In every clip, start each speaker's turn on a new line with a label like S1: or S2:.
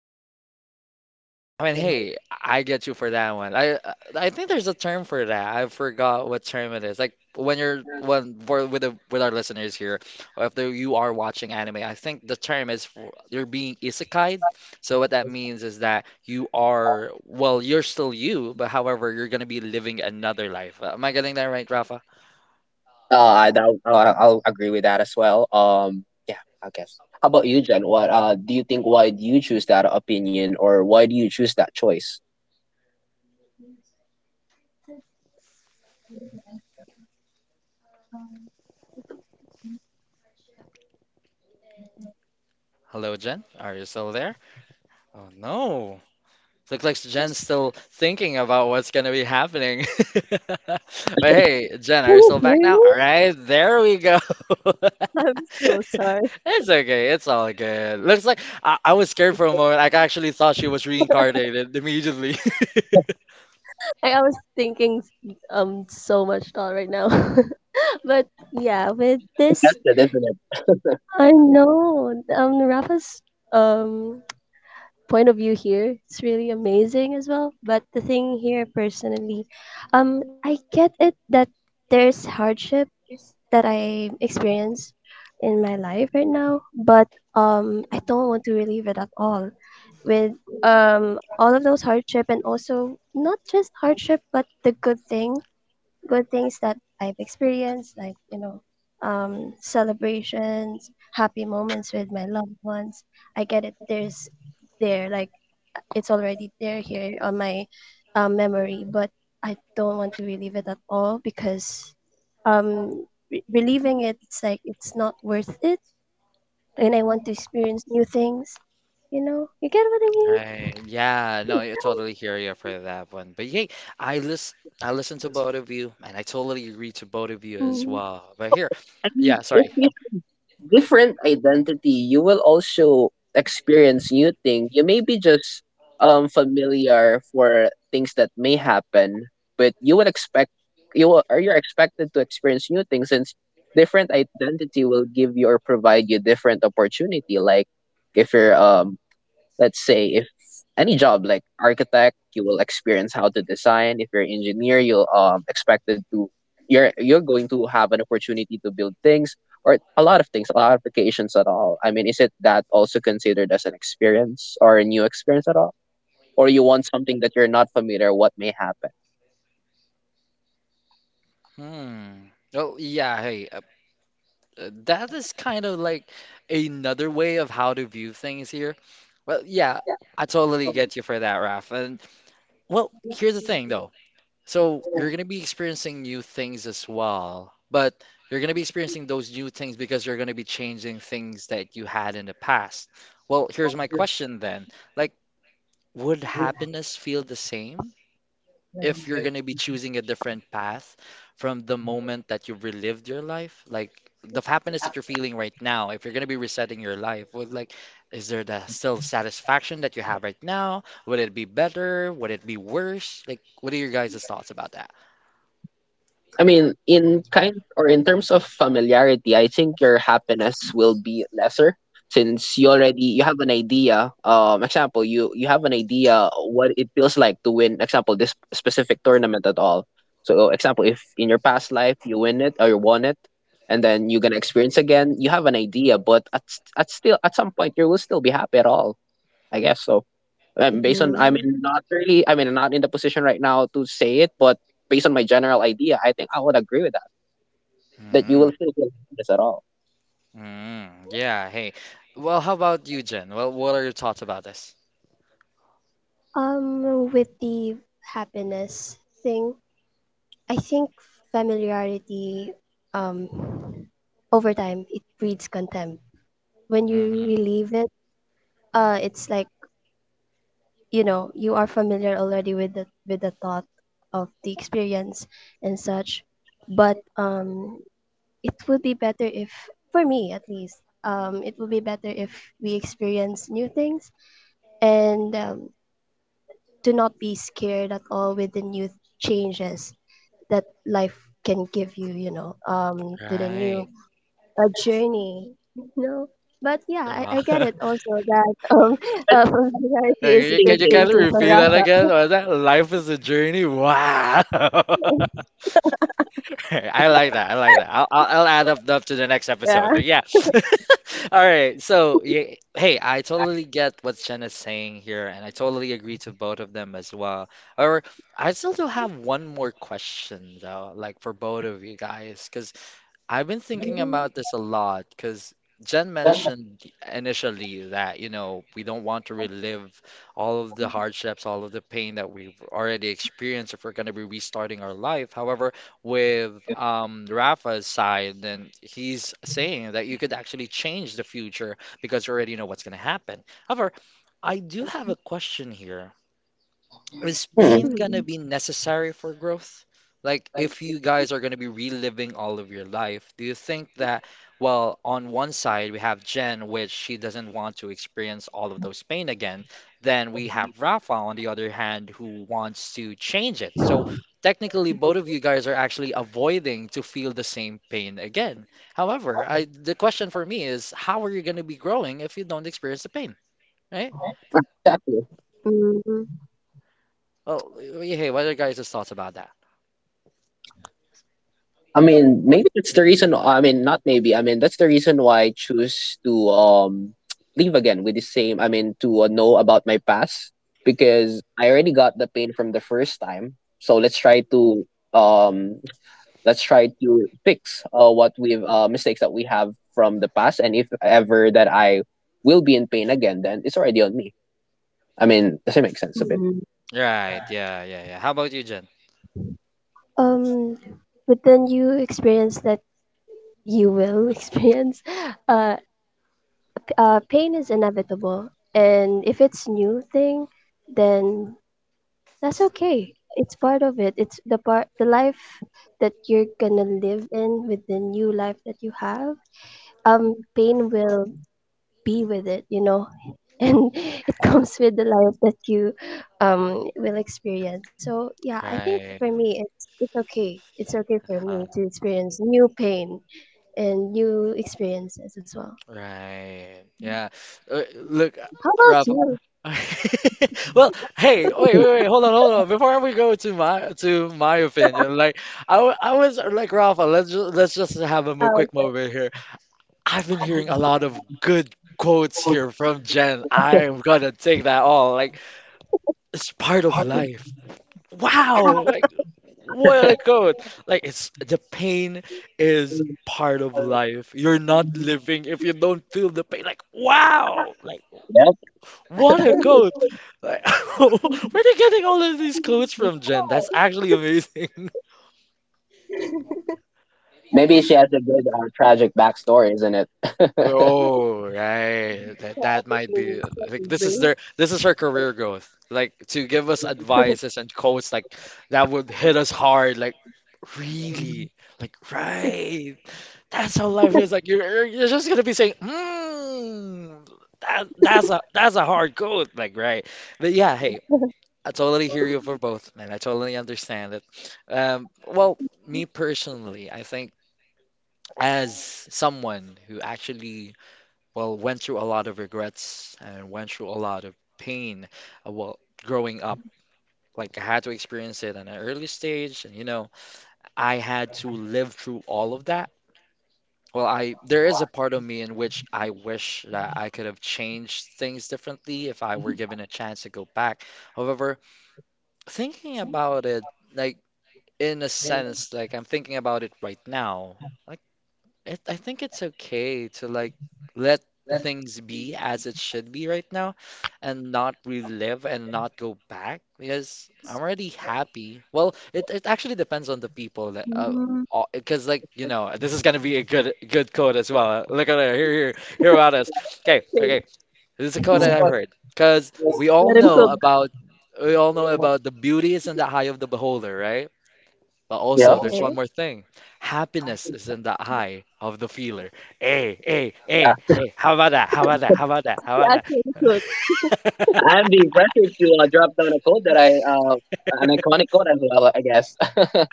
S1: life. So, like, I mean, hey, I get you for that one. I think there's a term for that. I forgot what term it is. Like when you're when for with the with our listeners here, or if you are watching anime, I think the term is for, you're being isekai. So what that means is that you are well, you're still you, but however, you're gonna be living another life. Am I getting that right, Rafa?
S2: I I'll agree with that as well. Yeah, I guess. How about you, Jen? What do you think? Why do you choose that opinion, or why do you choose that choice?
S1: Hello, Jen. Are you still there? Oh no. Looks like
S2: That's
S1: Jen's still thinking about what's gonna be happening. but hey, Jen,
S3: Can
S1: are you
S3: you
S1: still back
S3: hear
S1: now?
S3: me?
S1: All right, there we go.
S3: I'm so sorry.
S1: It's okay. It's all good. Looks like I was scared for a moment. I actually thought she was reincarnated immediately.
S3: Like I was thinking so much thought right now. But yeah, with this,
S2: it, isn't it?
S3: I know Rafa's um point of view here, it's really amazing as well, but the thing here personally, I get it that there's hardship that I experience in my life right now, but I don't want to relieve it at all with all of those hardship, and also not just hardship but the good things, good things that I've experienced, like, you know, celebrations, happy moments with my loved ones. I get it. There, like, it's already there here on my memory, but I don't want to relive it at all because um, reliving it, it's like it's not worth it. And I want to experience new things. You know, you get what I mean?
S1: Right. Yeah. No, I totally hear you for that one. But hey, I listen. I listen to both of you, and I totally agree to both of you as
S3: Mhm.
S1: well. But here,
S2: I
S1: yeah.
S2: mean,
S1: Sorry.
S2: if different identity, you will also experience new thing. You may be just familiar for things that may happen, but you will, or you're expected to experience new things since different identity will give you or provide you different opportunity. Like if you're let's say, if any job like architect, you will experience how to design. If you're an engineer, you'll expected to, you're going to have an opportunity to build things, or a lot of things, a lot of applications at all. I mean, is it that also considered as an experience or a new experience at all, or you want something that you're not familiar what may happen?
S1: Hmm. Oh yeah. Hey. That is kind of like another way of how to view things here. Well, yeah, I totally get you for that, Raf. And well, here's the thing though. So you're gonna be experiencing new things as well, but you're gonna be experiencing those new things because you're gonna be changing things that you had in the past. Well, here's my question then. Like, would happiness feel the same? If you're going to be choosing a different path from the moment that you've relived your life, like the happiness that you're feeling right now, if you're going to be resetting your life with, like, is there the still satisfaction that you have right now, would it be better, would it be worse, like what are your guys' thoughts about that?
S2: I mean, in kind or in terms of familiarity, I think your happiness will be lesser since you have an idea. Example, you have an idea what it feels like to win. Example, this specific tournament at all. So, example, if in your past life you win it or you won it, and then you're gonna experience again, you have an idea, but at still at some point you will still be happy at all. I guess so. Based on, I mean,
S3: Mhm.
S2: not really, I mean, I'm not in the position right now to say it, but based on my general idea, I think I would agree with that, that you will
S1: mm,
S2: feel guilty this at all.
S1: yeah, hey, well, how about you, Jen? Well, what are your thoughts about this?
S3: With the happiness thing, I think familiarity, um, over time, it breeds contempt. When you
S1: Hmm.
S3: relieve it, it's like, you know, you are familiar already with the thought of the experience and such. But it would be better if, for me at least, it would be better if we experience new things and, do not be scared at all with the new changes that life can give you. You know, to the new
S1: Right.
S3: a journey, you know, but yeah, i,
S1: Wow.
S3: I get it also that
S2: But
S3: familiarity
S1: Can
S3: is a
S1: you,
S3: good
S1: can you
S2: thinking,
S3: thing
S1: kindly
S3: too for
S1: repeat that
S3: Rafa.
S1: again? Was that life is a journey? Wow. I like that. I like that. I'll add up up to the next episode.
S3: Yeah.
S1: But yeah. All right. So, yeah, hey, I totally get what Jen saying here, and I totally agree to both of them as well. Or I still do have one more question though, like for both of you guys, because I've been thinking
S3: Mhm.
S1: about this a lot because Jen mentioned initially that, you know, we don't want to relive all of the hardships, all of the pain that we've already experienced if we're going to be restarting our life. However, with Rafa's side, then he's saying that you could actually change the future because you already know what's going to happen. However, I do have a question here, is
S2: hmm,
S1: pain gonna be necessary for growth? Like, if you guys are gonna be reliving all of your life, do you think that, well, on one side we have Jen, which she doesn't want to experience all of those pain again. Then we have Rafa, on the other hand, who wants to change it. So technically, both of you guys are actually avoiding to feel the same pain again. However, I the question for me is, how are you gonna be growing if you don't experience the pain, right?
S2: exactly.
S3: Mhm.
S1: Well, hey, what are your guys' thoughts about that?
S2: I mean, maybe that's the reason, I mean, not maybe, I mean, that's the reason why I choose to leave again with the same, I mean, to know about my past because I already got the pain from the first time. So um let's try to fix what we've mistakes that we have from the past, and if ever that I will be in pain again, then it's already on me. I mean, does it make sense a bit?
S3: Mhm.
S1: Right. Yeah. Yeah. Yeah. How about you, Jen?
S3: um but then you experience that you will experience uh pain is inevitable, and if it's new thing, then that's okay. It's part of it. It's the part, the life that you're gonna live in with the new life that you have. Pain will be with it, you know, and it comes with the life that you will experience. So yeah, I think for
S1: Right.
S3: me, it's okay. It's okay for
S1: Huh.
S3: me to experience new pain and new experiences as well.
S1: Right. Yeah. Look,
S3: How about
S1: Ralph.
S3: you,
S1: Well, hey, wait, hold on. Before we go to my opinion, like I, I was like Ralph. Let's just have a quick moment here. I've been hearing a lot of good quotes here from Jen. I'm gonna take that all. Like it's part of life. Wow. Like what a quote! Like it's the pain is part of life. You're not living if you don't feel the pain. Like wow! Like
S2: Yeah,
S1: what a quote! Like where are you getting all of these quotes from, Jen? That's actually amazing.
S2: maybe she has a good tragic backstory, isn't it?
S1: Oh right, that might be like this is their this is her career growth. Like to give us advices and quotes like that would hit us hard. Like really, like right. That's how life is. Like you're just gonna be saying, mm, that's a that's a hard code, like right. But yeah, hey, I totally hear you for both, and I totally understand it. Well, me personally, I think as someone who actually well went through a lot of regrets and went through a lot of pain, well, growing up. Like I had to experience it at an early stage, and you know, I had to live through all of that. Well, I there is a part of me in which I wish that I could have changed things differently if I were given a chance to go back. However, thinking about it, like in a sense, like I'm thinking about it right now, it, I think it's okay to like let things be as it should be right now and not relive and not go back because I'm already happy. Well, it actually depends on the people that
S3: Alex?
S1: because like you know this is gonna be a good good quote as well. Look at it here here about us. Okay,
S3: Wait,
S1: okay, this is a quote that I've heard because we all
S3: let him
S1: know
S3: cook.
S1: about we all know about the beauty is in the eye of the beholder, right? But
S2: Yeah.
S1: also, there's one
S3: Okay.
S1: more thing. Happiness is in the eye of the feeler. Hey, hey, hey,
S2: Uh,
S1: hey, how about that? How about that? How about that? How
S3: He
S1: about that?
S3: actually cooked.
S2: I'm being pressured to drop down a code that I an iconic code as well, I guess.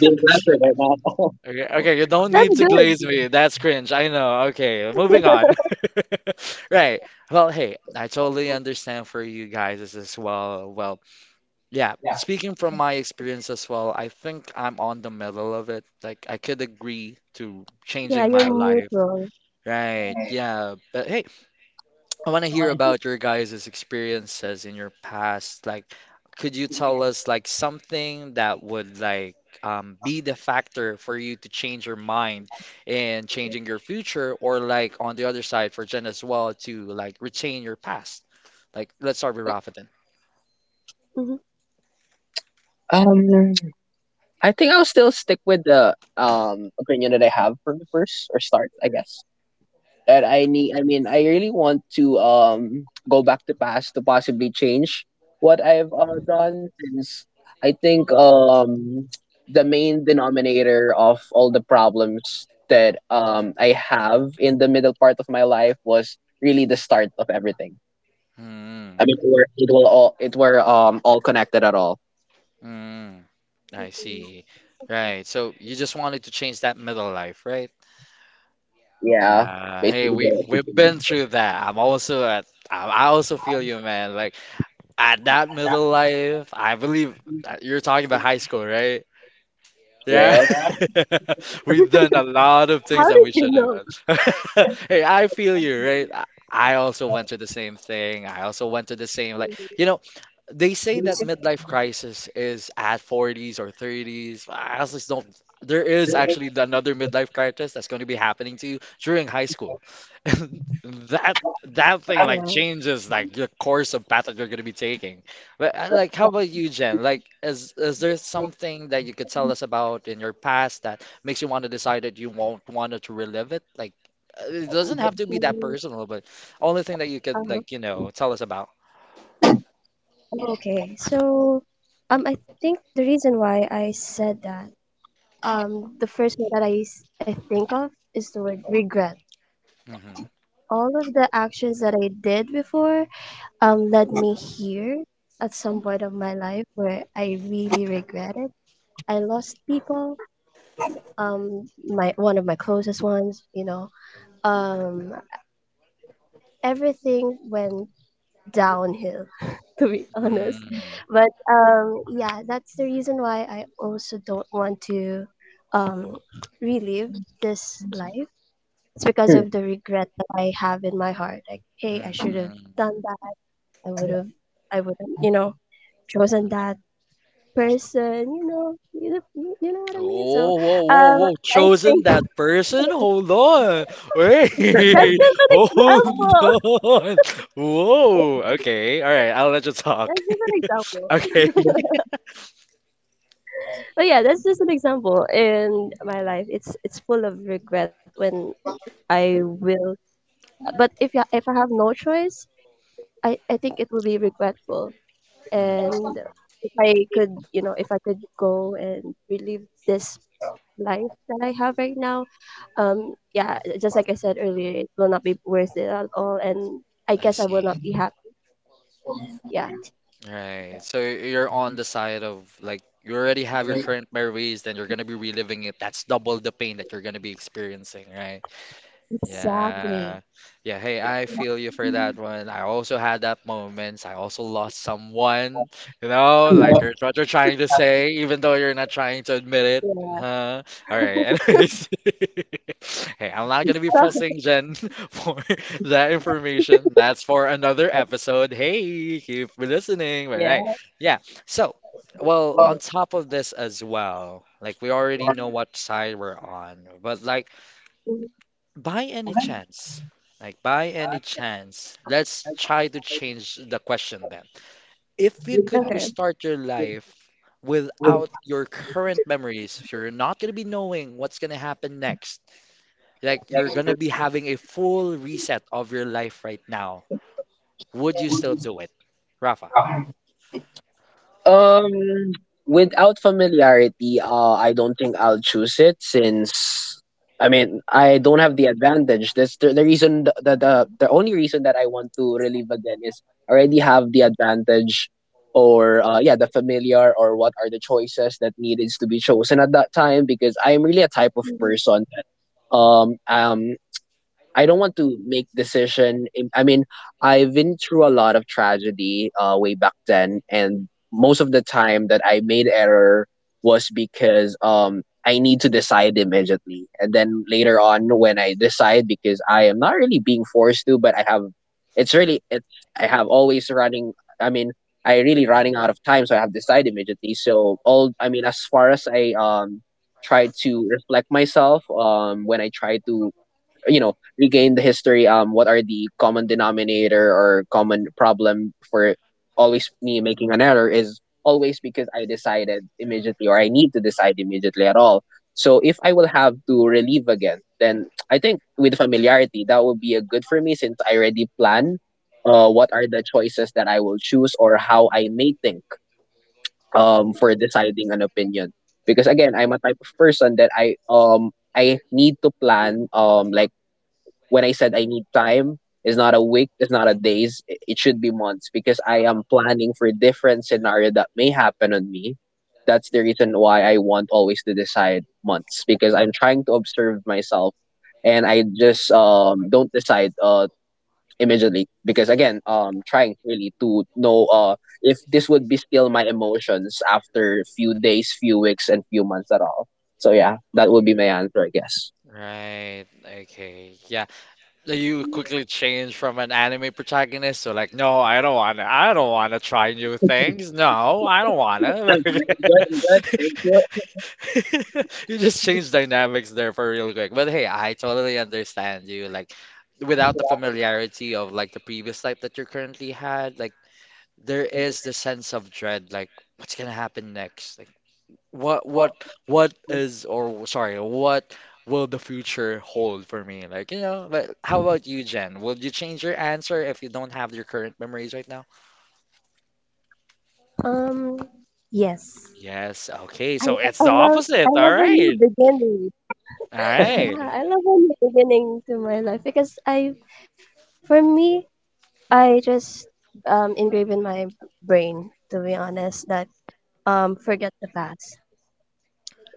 S2: Being pressured right now.
S1: Okay, okay, you don't
S3: That's
S1: need to
S3: good.
S1: glaze me. That's cringe. I know. Okay, moving on. Right. Well, hey, I totally understand for you guys as well. Well, yeah, speaking from my experience as well, I think I'm on the middle of it. Like, I could agree to
S3: Yeah,
S1: changing
S3: you're
S1: my life.
S3: neutral.
S1: Right. Yeah. But hey, I want to hear about your guys' experiences in your past. Like, could you tell us like something that would like be the factor for you to change your mind and changing your future, or like on the other side for Jen as well to like retain your past? Like, let's start with Rafadan.
S3: Hmm.
S2: um I think I'll still stick with the opinion that I have from the first or start, I guess. That I need I mean, I really want to go back to past to possibly change what I've done since I think the main denominator of all the problems that I have in the middle part of my life was really the start of everything. I
S1: Mm,
S2: mean, it were all connected at all.
S1: mm, I see. Right. So you just wanted to change that middle life, right?
S2: Yeah.
S1: Hey,
S2: Basically
S1: we
S2: the
S1: we've been
S2: beginning.
S1: through that. I'm also at, I also feel you, man. Like at that middle life, I believe that you're talking about high school, right? Yeah.
S2: Yeah.
S1: We've done a lot of
S3: How
S1: things that
S3: did
S1: we
S3: you
S1: shouldn't
S3: know?
S1: have done. Hey, I feel you, right? I also went to the same thing. I also went to the same, like, you know, they say that midlife crisis is at 40s or 30s. I also just don't. There is actually another midlife crisis that's going to be happening to you during high school. And that that thing like
S3: Yeah.
S1: changes like the course of path that you're going to be taking. But like, how about you, Jen? Like, is there something that you could tell us about in your past that makes you want to decide that you won't want to relive it? Like, it doesn't have to be that
S3: Mm.
S1: personal, but only thing that you could
S3: Uh-huh.
S1: like you know tell us about.
S3: Okay. So, I think the reason why I said that, the first word that I think of is the word regret.
S1: Mm-hmm.
S3: All of the actions that I did before, led me here at some point of my life where I really regret it. I lost people. My one of my closest ones, you know, um everything went downhill, to be honest.
S1: Mm-hmm.
S3: But yeah, that's the reason why I also don't want to um relive this life. It's because of the regret that I have in my heart, like, hey, I should have
S1: Mm-hmm.
S3: done that. I would have i would have, you know, chosen that person, you know, you know what I mean. So
S1: Oh, whoa, whoa,
S3: um
S1: whoa!
S3: I
S1: Chosen
S3: think
S1: that person? Hold on,
S3: that's
S1: wait,
S3: just an
S1: hold
S3: example.
S1: on. Whoa, okay, all right. I'll let you
S3: That's
S1: talk.
S3: just an example.
S1: Okay.
S3: But yeah, that's just an example in my life. It's full of regret when I will. But if if I have no choice, I think it will be regretful.
S1: Hmm.
S3: And if I could, you know, if I could go and relive this life that I have right now, yeah, just like I said earlier, it will not be worth it at all. And I
S1: I
S3: guess I will not
S1: see.
S3: be happy. Yeah.
S1: Right. So you're on the side of like you already have your current memories, then you're gonna be reliving it. That's double the pain that you're gonna be experiencing, right? Yeah.
S3: Exactly.
S1: Yeah. Hey, I feel you for that one. I also had that moments. I also lost someone, you know, like you're, what you're trying to say, even though you're not trying to admit it.
S3: Yeah.
S1: Huh? All right. Anyways, hey, I'm not going to be
S3: So,
S1: pressing Jen for that information. That's for another episode. Hey, keep listening. All right.
S3: yeah.
S1: Yeah. So, well, on top of this as well, like we already know what side we're on, but like,
S3: Mhm.
S1: by any chance, like by any chance, let's try to change the question then. If you could
S3: Okay.
S1: restart your life without your current memories, you're not going to be knowing what's going to happen next. Like you're going to be having a full reset of your life right now. Would you still do it? Rafa.
S2: Um, Without familiarity, I don't think I'll choose it since I mean I don't have the advantage. That's the reason, the only reason that I want to relive again is already have the advantage, or yeah, the familiar, or what are the choices that needed to be chosen at that time because I am really a type of person that um um I don't want to make decision. I mean, I've been through a lot of tragedy way back then, and most of the time that I made error was because I need to decide immediately, and then later on when I decide because I am not really being forced to, but I have it's really it's I have always running. I mean, I really running out of time, so I have decide immediately. So all, I mean, as far as I try to reflect myself when I try to regain the history, what are the common denominator or common problem for always me making an error is always because I decided immediately or I need to decide immediately at all. So if I will have to relieve again, then I think with familiarity that would be a good for me since I already plan what are the choices that I will choose or how I may think for deciding an opinion. Because again, I'm a type of person that I need to plan, like when I said I need time, it's not a week, it's not a days, it should be months because I am planning for different scenario that may happen on me. That's the reason why I want always to decide months because I'm trying to observe myself, and I just don't decide immediately because again, trying really to know if this would be still my emotions after few days, few weeks and few months at all. So yeah, that would be my answer, I guess.
S1: Right. Okay. Yeah. That you quickly change from an anime protagonist to like, no, I don't want to. I don't want to try new things. No, I don't want
S2: I'm fine. I'm good. I'm good.
S1: to.
S2: Thank you.
S1: You just change dynamics there for real quick. But hey, I totally understand you. Like, without the familiarity of like the previous life that you currently had, like there is the sense of dread. Like, what's gonna happen next? Like, what what what is or sorry what will the future hold for me, like, you know? Like, how about you, Jen? Will you change your answer if you don't have your current memories right now?
S3: Um, yes.
S1: Yes? Okay,
S3: I
S1: so it's
S3: I
S1: the
S3: love I
S1: opposite.
S3: love
S1: All
S3: a new
S1: right,
S3: beginning.
S1: all
S3: I, yeah,
S1: right.
S3: I love a new beginning to my life because I, for me, I just engrave in my brain, to be honest, that forget the past,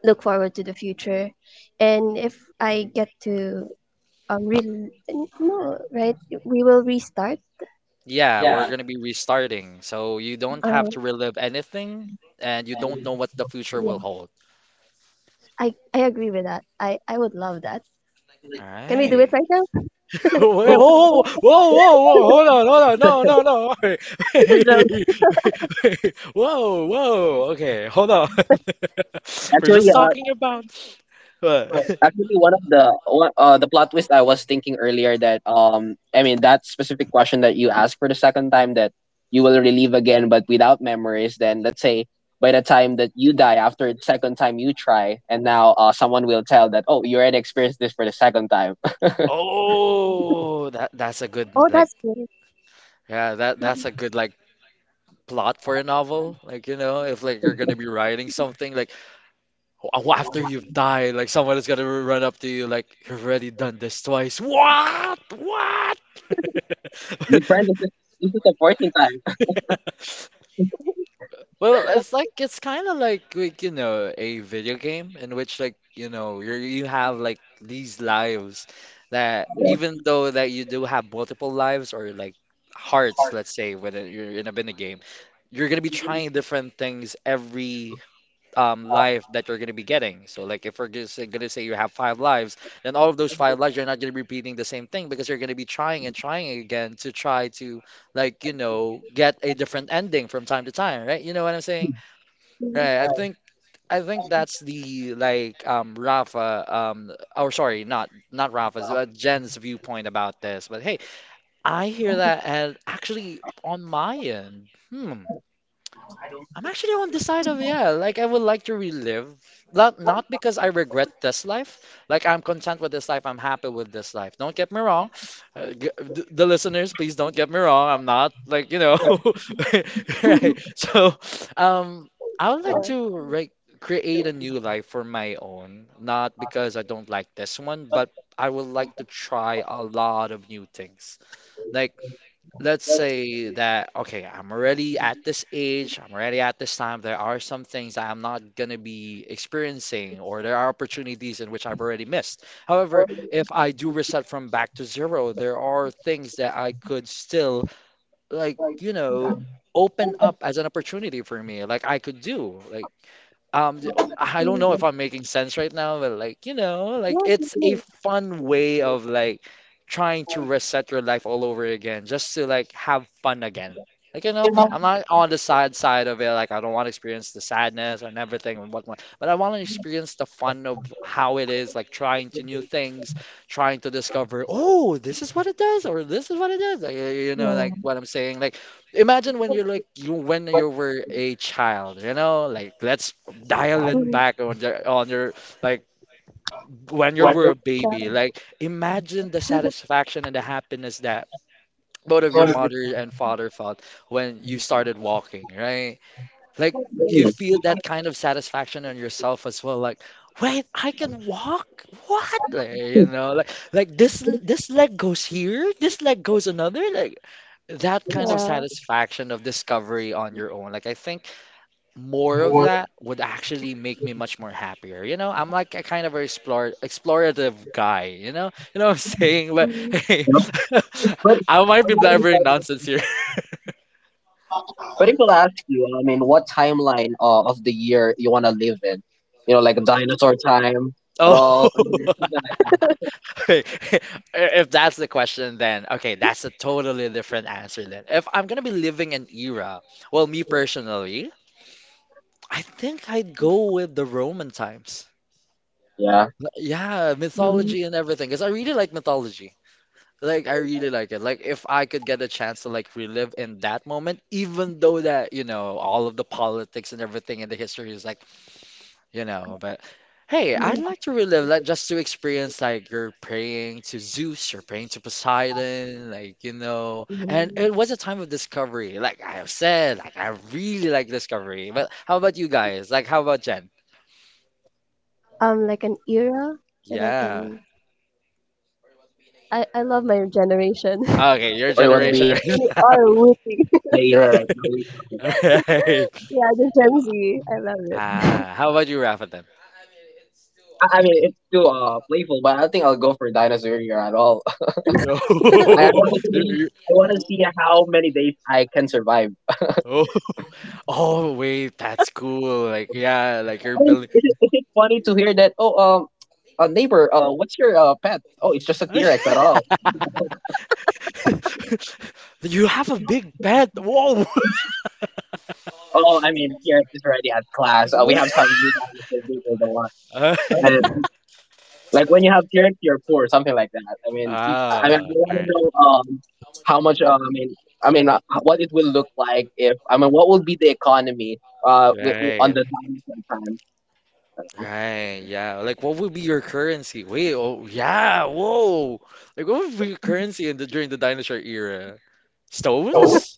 S3: look forward to the future, and if I get to really no right, we will restart.
S1: Yeah, we're
S2: Yeah.
S1: gonna be restarting, so you don't have
S3: Um,
S1: to relive anything and you don't know what the future will
S3: yeah,
S1: hold.
S3: I agree with that. I would love that.
S1: All
S3: Can we do it
S1: right.
S3: right now?
S1: Wait, whoa, whoa, whoa, whoa, whoa, hold on, hold on, no, no, no, wait,
S3: It's a joke.
S1: wait, wait, whoa, whoa, okay, hold on. We're
S2: Actually,
S1: just
S2: uh,
S1: talking about what?
S2: Actually, one of the one, the plot twist I was thinking earlier that I mean, that specific question that you asked for the second time, that you will relive again but without memories, then let's say by the time that you die after the second time you try, and now someone will tell that, oh, you already experienced this for the second time.
S1: Oh, that that's a good,
S3: Oh,
S1: like,
S3: that's great.
S1: yeah, that that's a
S3: Mm-hmm.
S1: good like plot for a novel. Like, you know, if like you're gonna be writing something like, "Oh, after you've died, like someone is gonna run up to you like you've already done this twice. What? What?"
S2: My friend, this is the 14th time.
S1: Well, it's like it's kind of like, you know, a video game in which like you know you you have like these lives that even though that you do have multiple lives or like hearts, let's say, when you're in a game, you're gonna be
S2: Hmm.
S1: trying different things every life that you're going to be getting. So, like, if we're going to say you have five lives, then all of those five lives, you're not going to be repeating the same thing because you're going to be trying and trying again to try to, like, you know, get a different ending from time to time, right? You know what I'm saying?
S3: Mhm.
S1: Right. I think. I think that's the like Rafa or sorry not not Rafa's but Jen's viewpoint about this. But hey, I hear that, and actually on my end, hmm, I'm actually on the side of yeah, like I would like to relive. Not because I regret this life. Like I'm content with this life. I'm happy with this life. Don't get me wrong, the listeners, please don't get me wrong. I'm not like, you know, right? So, um, I would like
S3: Yeah.
S1: to create a new life for my own. Not because I don't like this one, but I would like to try a lot of new things. Like, let's say that okay, I'm already at this age, I'm already at this time. There are some things that I'm not going to be experiencing, or there are opportunities in which I've already missed. However, if I do reset from back to zero, there are things that I could still, like, you know, open up as an opportunity for me. Like, I could do like I don't
S3: Mm.
S1: know if I'm making sense right now, but like, you know, like
S3: Yes, it
S1: it's a
S3: is.
S1: fun way of like trying to reset your life all over again just to like have fun again. Like, you know, I'm not on the sad side of it, like I don't want to experience the sadness and everything and whatnot, but I want to experience the fun of how it is, like trying to new things, trying to discover, oh, this is what it does, or this is what it does. Like, you know,
S3: Yeah.
S1: like what I'm saying. Like imagine when you're like you when you were a child, you know, like let's dial it
S3: Mhm.
S1: back on your like when you
S2: But-
S1: were a
S3: Child,
S1: baby. Like imagine the satisfaction and the happiness that both of your mother and father felt when you started walking, right? Like you feel that kind of satisfaction on yourself as well. Like, wait, I can walk. What? Like, you know, like this leg goes here, this leg goes another. Like that kind of
S3: yeah.
S1: satisfaction of discovery on your own. Like I think more of that would actually make me much more happier. You know, I'm like a kind of a explore explorative guy. You know what I'm saying? But
S3: Mhm.
S1: hey, I might be blabbering nonsense here.
S2: But people ask you, I mean, what timeline of the year you want to live in? Like a dinosaur time at
S1: Oh.
S2: all? I mean, something like that.
S1: If that's the question, then okay, that's a totally different answer. Then, if I'm gonna be living an era, well, me personally, I think I'd go with the Roman times.
S2: Yeah.
S1: Yeah,
S3: Mhm,
S1: mythology and everything, because I really like mythology. Like I really like it. Like if I could get a chance to like relive in that moment, even though that you know all of the politics and everything in the history is like, you know. But hey, I'd
S3: mhm,
S1: like to relive like just to experience like you're praying to Zeus, you're praying to Poseidon, like you know. And
S3: mhm.
S1: it was a time of discovery, like I have said, like I really like discovery. But how about you guys? Like how about Jen?
S3: Like an era that I
S1: Yeah.
S3: can.
S2: Or you want to be in a
S3: I
S2: era
S3: love
S2: right
S3: my
S2: now?
S3: generation.
S1: Okay, your generation. Right?
S3: We are rooting.
S1: Alright.
S3: Yeah, the Gen Z. I love it.
S1: Ah, how about you, Rafa, then?
S2: I mean, it's too playful, but I think I'll go for dinosaur year at all.
S1: No.
S2: I want to see,
S1: You're-
S2: I
S1: you're-
S2: want to see how many days I can survive.
S1: oh. Oh wait, that's cool. Like yeah, like you're
S2: Is
S1: building.
S2: it, is it is funny to hear that? Oh, neighbor, what's your pet? Oh, it's just a T-Rex at all.
S1: You have a big bed. Whoa.
S2: Oh, I mean, T-Rex is already at class. We have some new animals that is the one.
S1: Uh,
S2: And, like, when you have T-Rex, you're poor, something like that. I mean, I mean,
S1: Ah,
S2: I
S1: all
S2: want to
S1: right.
S2: know how much. I mean, what it will look like, if I mean, what will be the economy on
S1: Right,
S2: the down sometime.
S1: right, yeah. Like, what would be your currency? Wait, oh, yeah, whoa. Like, what would be your currency in the during the dinosaur era?
S2: So
S1: Stones?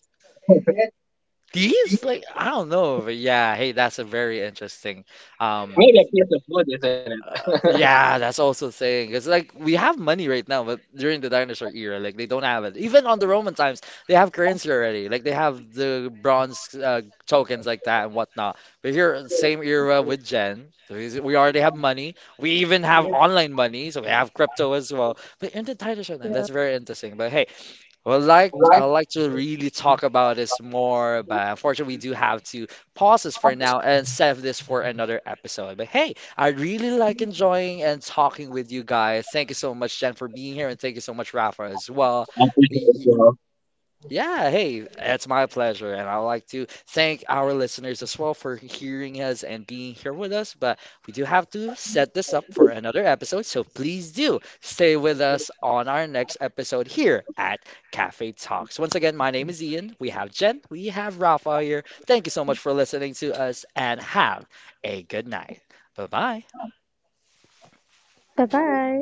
S1: Teeth? Like, I don't know, but yeah. Hey, that's a very interesting. Um,
S2: maybe a piece of food, isn't it?
S1: Yeah, that's also saying it's like we have money right now, but during the dinosaur era, like they don't have it. Even on the Roman times, they have currency already. Like they have the bronze tokens like that and whatnot. But here, same era with Gen, the we already have money. We even have online money, so we have crypto as well. But in the dinosaur now,
S3: Yeah.
S1: that's very interesting. But hey. Well, like I
S2: Right.
S1: like to really talk about this more, but unfortunately, we do have to pause this for now and save this for another episode. But hey, I really like enjoying and talking with you guys. Thank you so much, Jen, for being here, and thank you so much, Rafa, as well. Yeah, hey, it's my pleasure. And I'd like to thank our listeners as well for hearing us and being here with us. But we do have to set this up for another episode. So please do stay with us on our next episode here at Cafe Talks. Once again, my name is Ian. We have Jen. We have Rafa here. Thank you so much for listening to us and have a good night. Bye bye.
S3: Bye bye.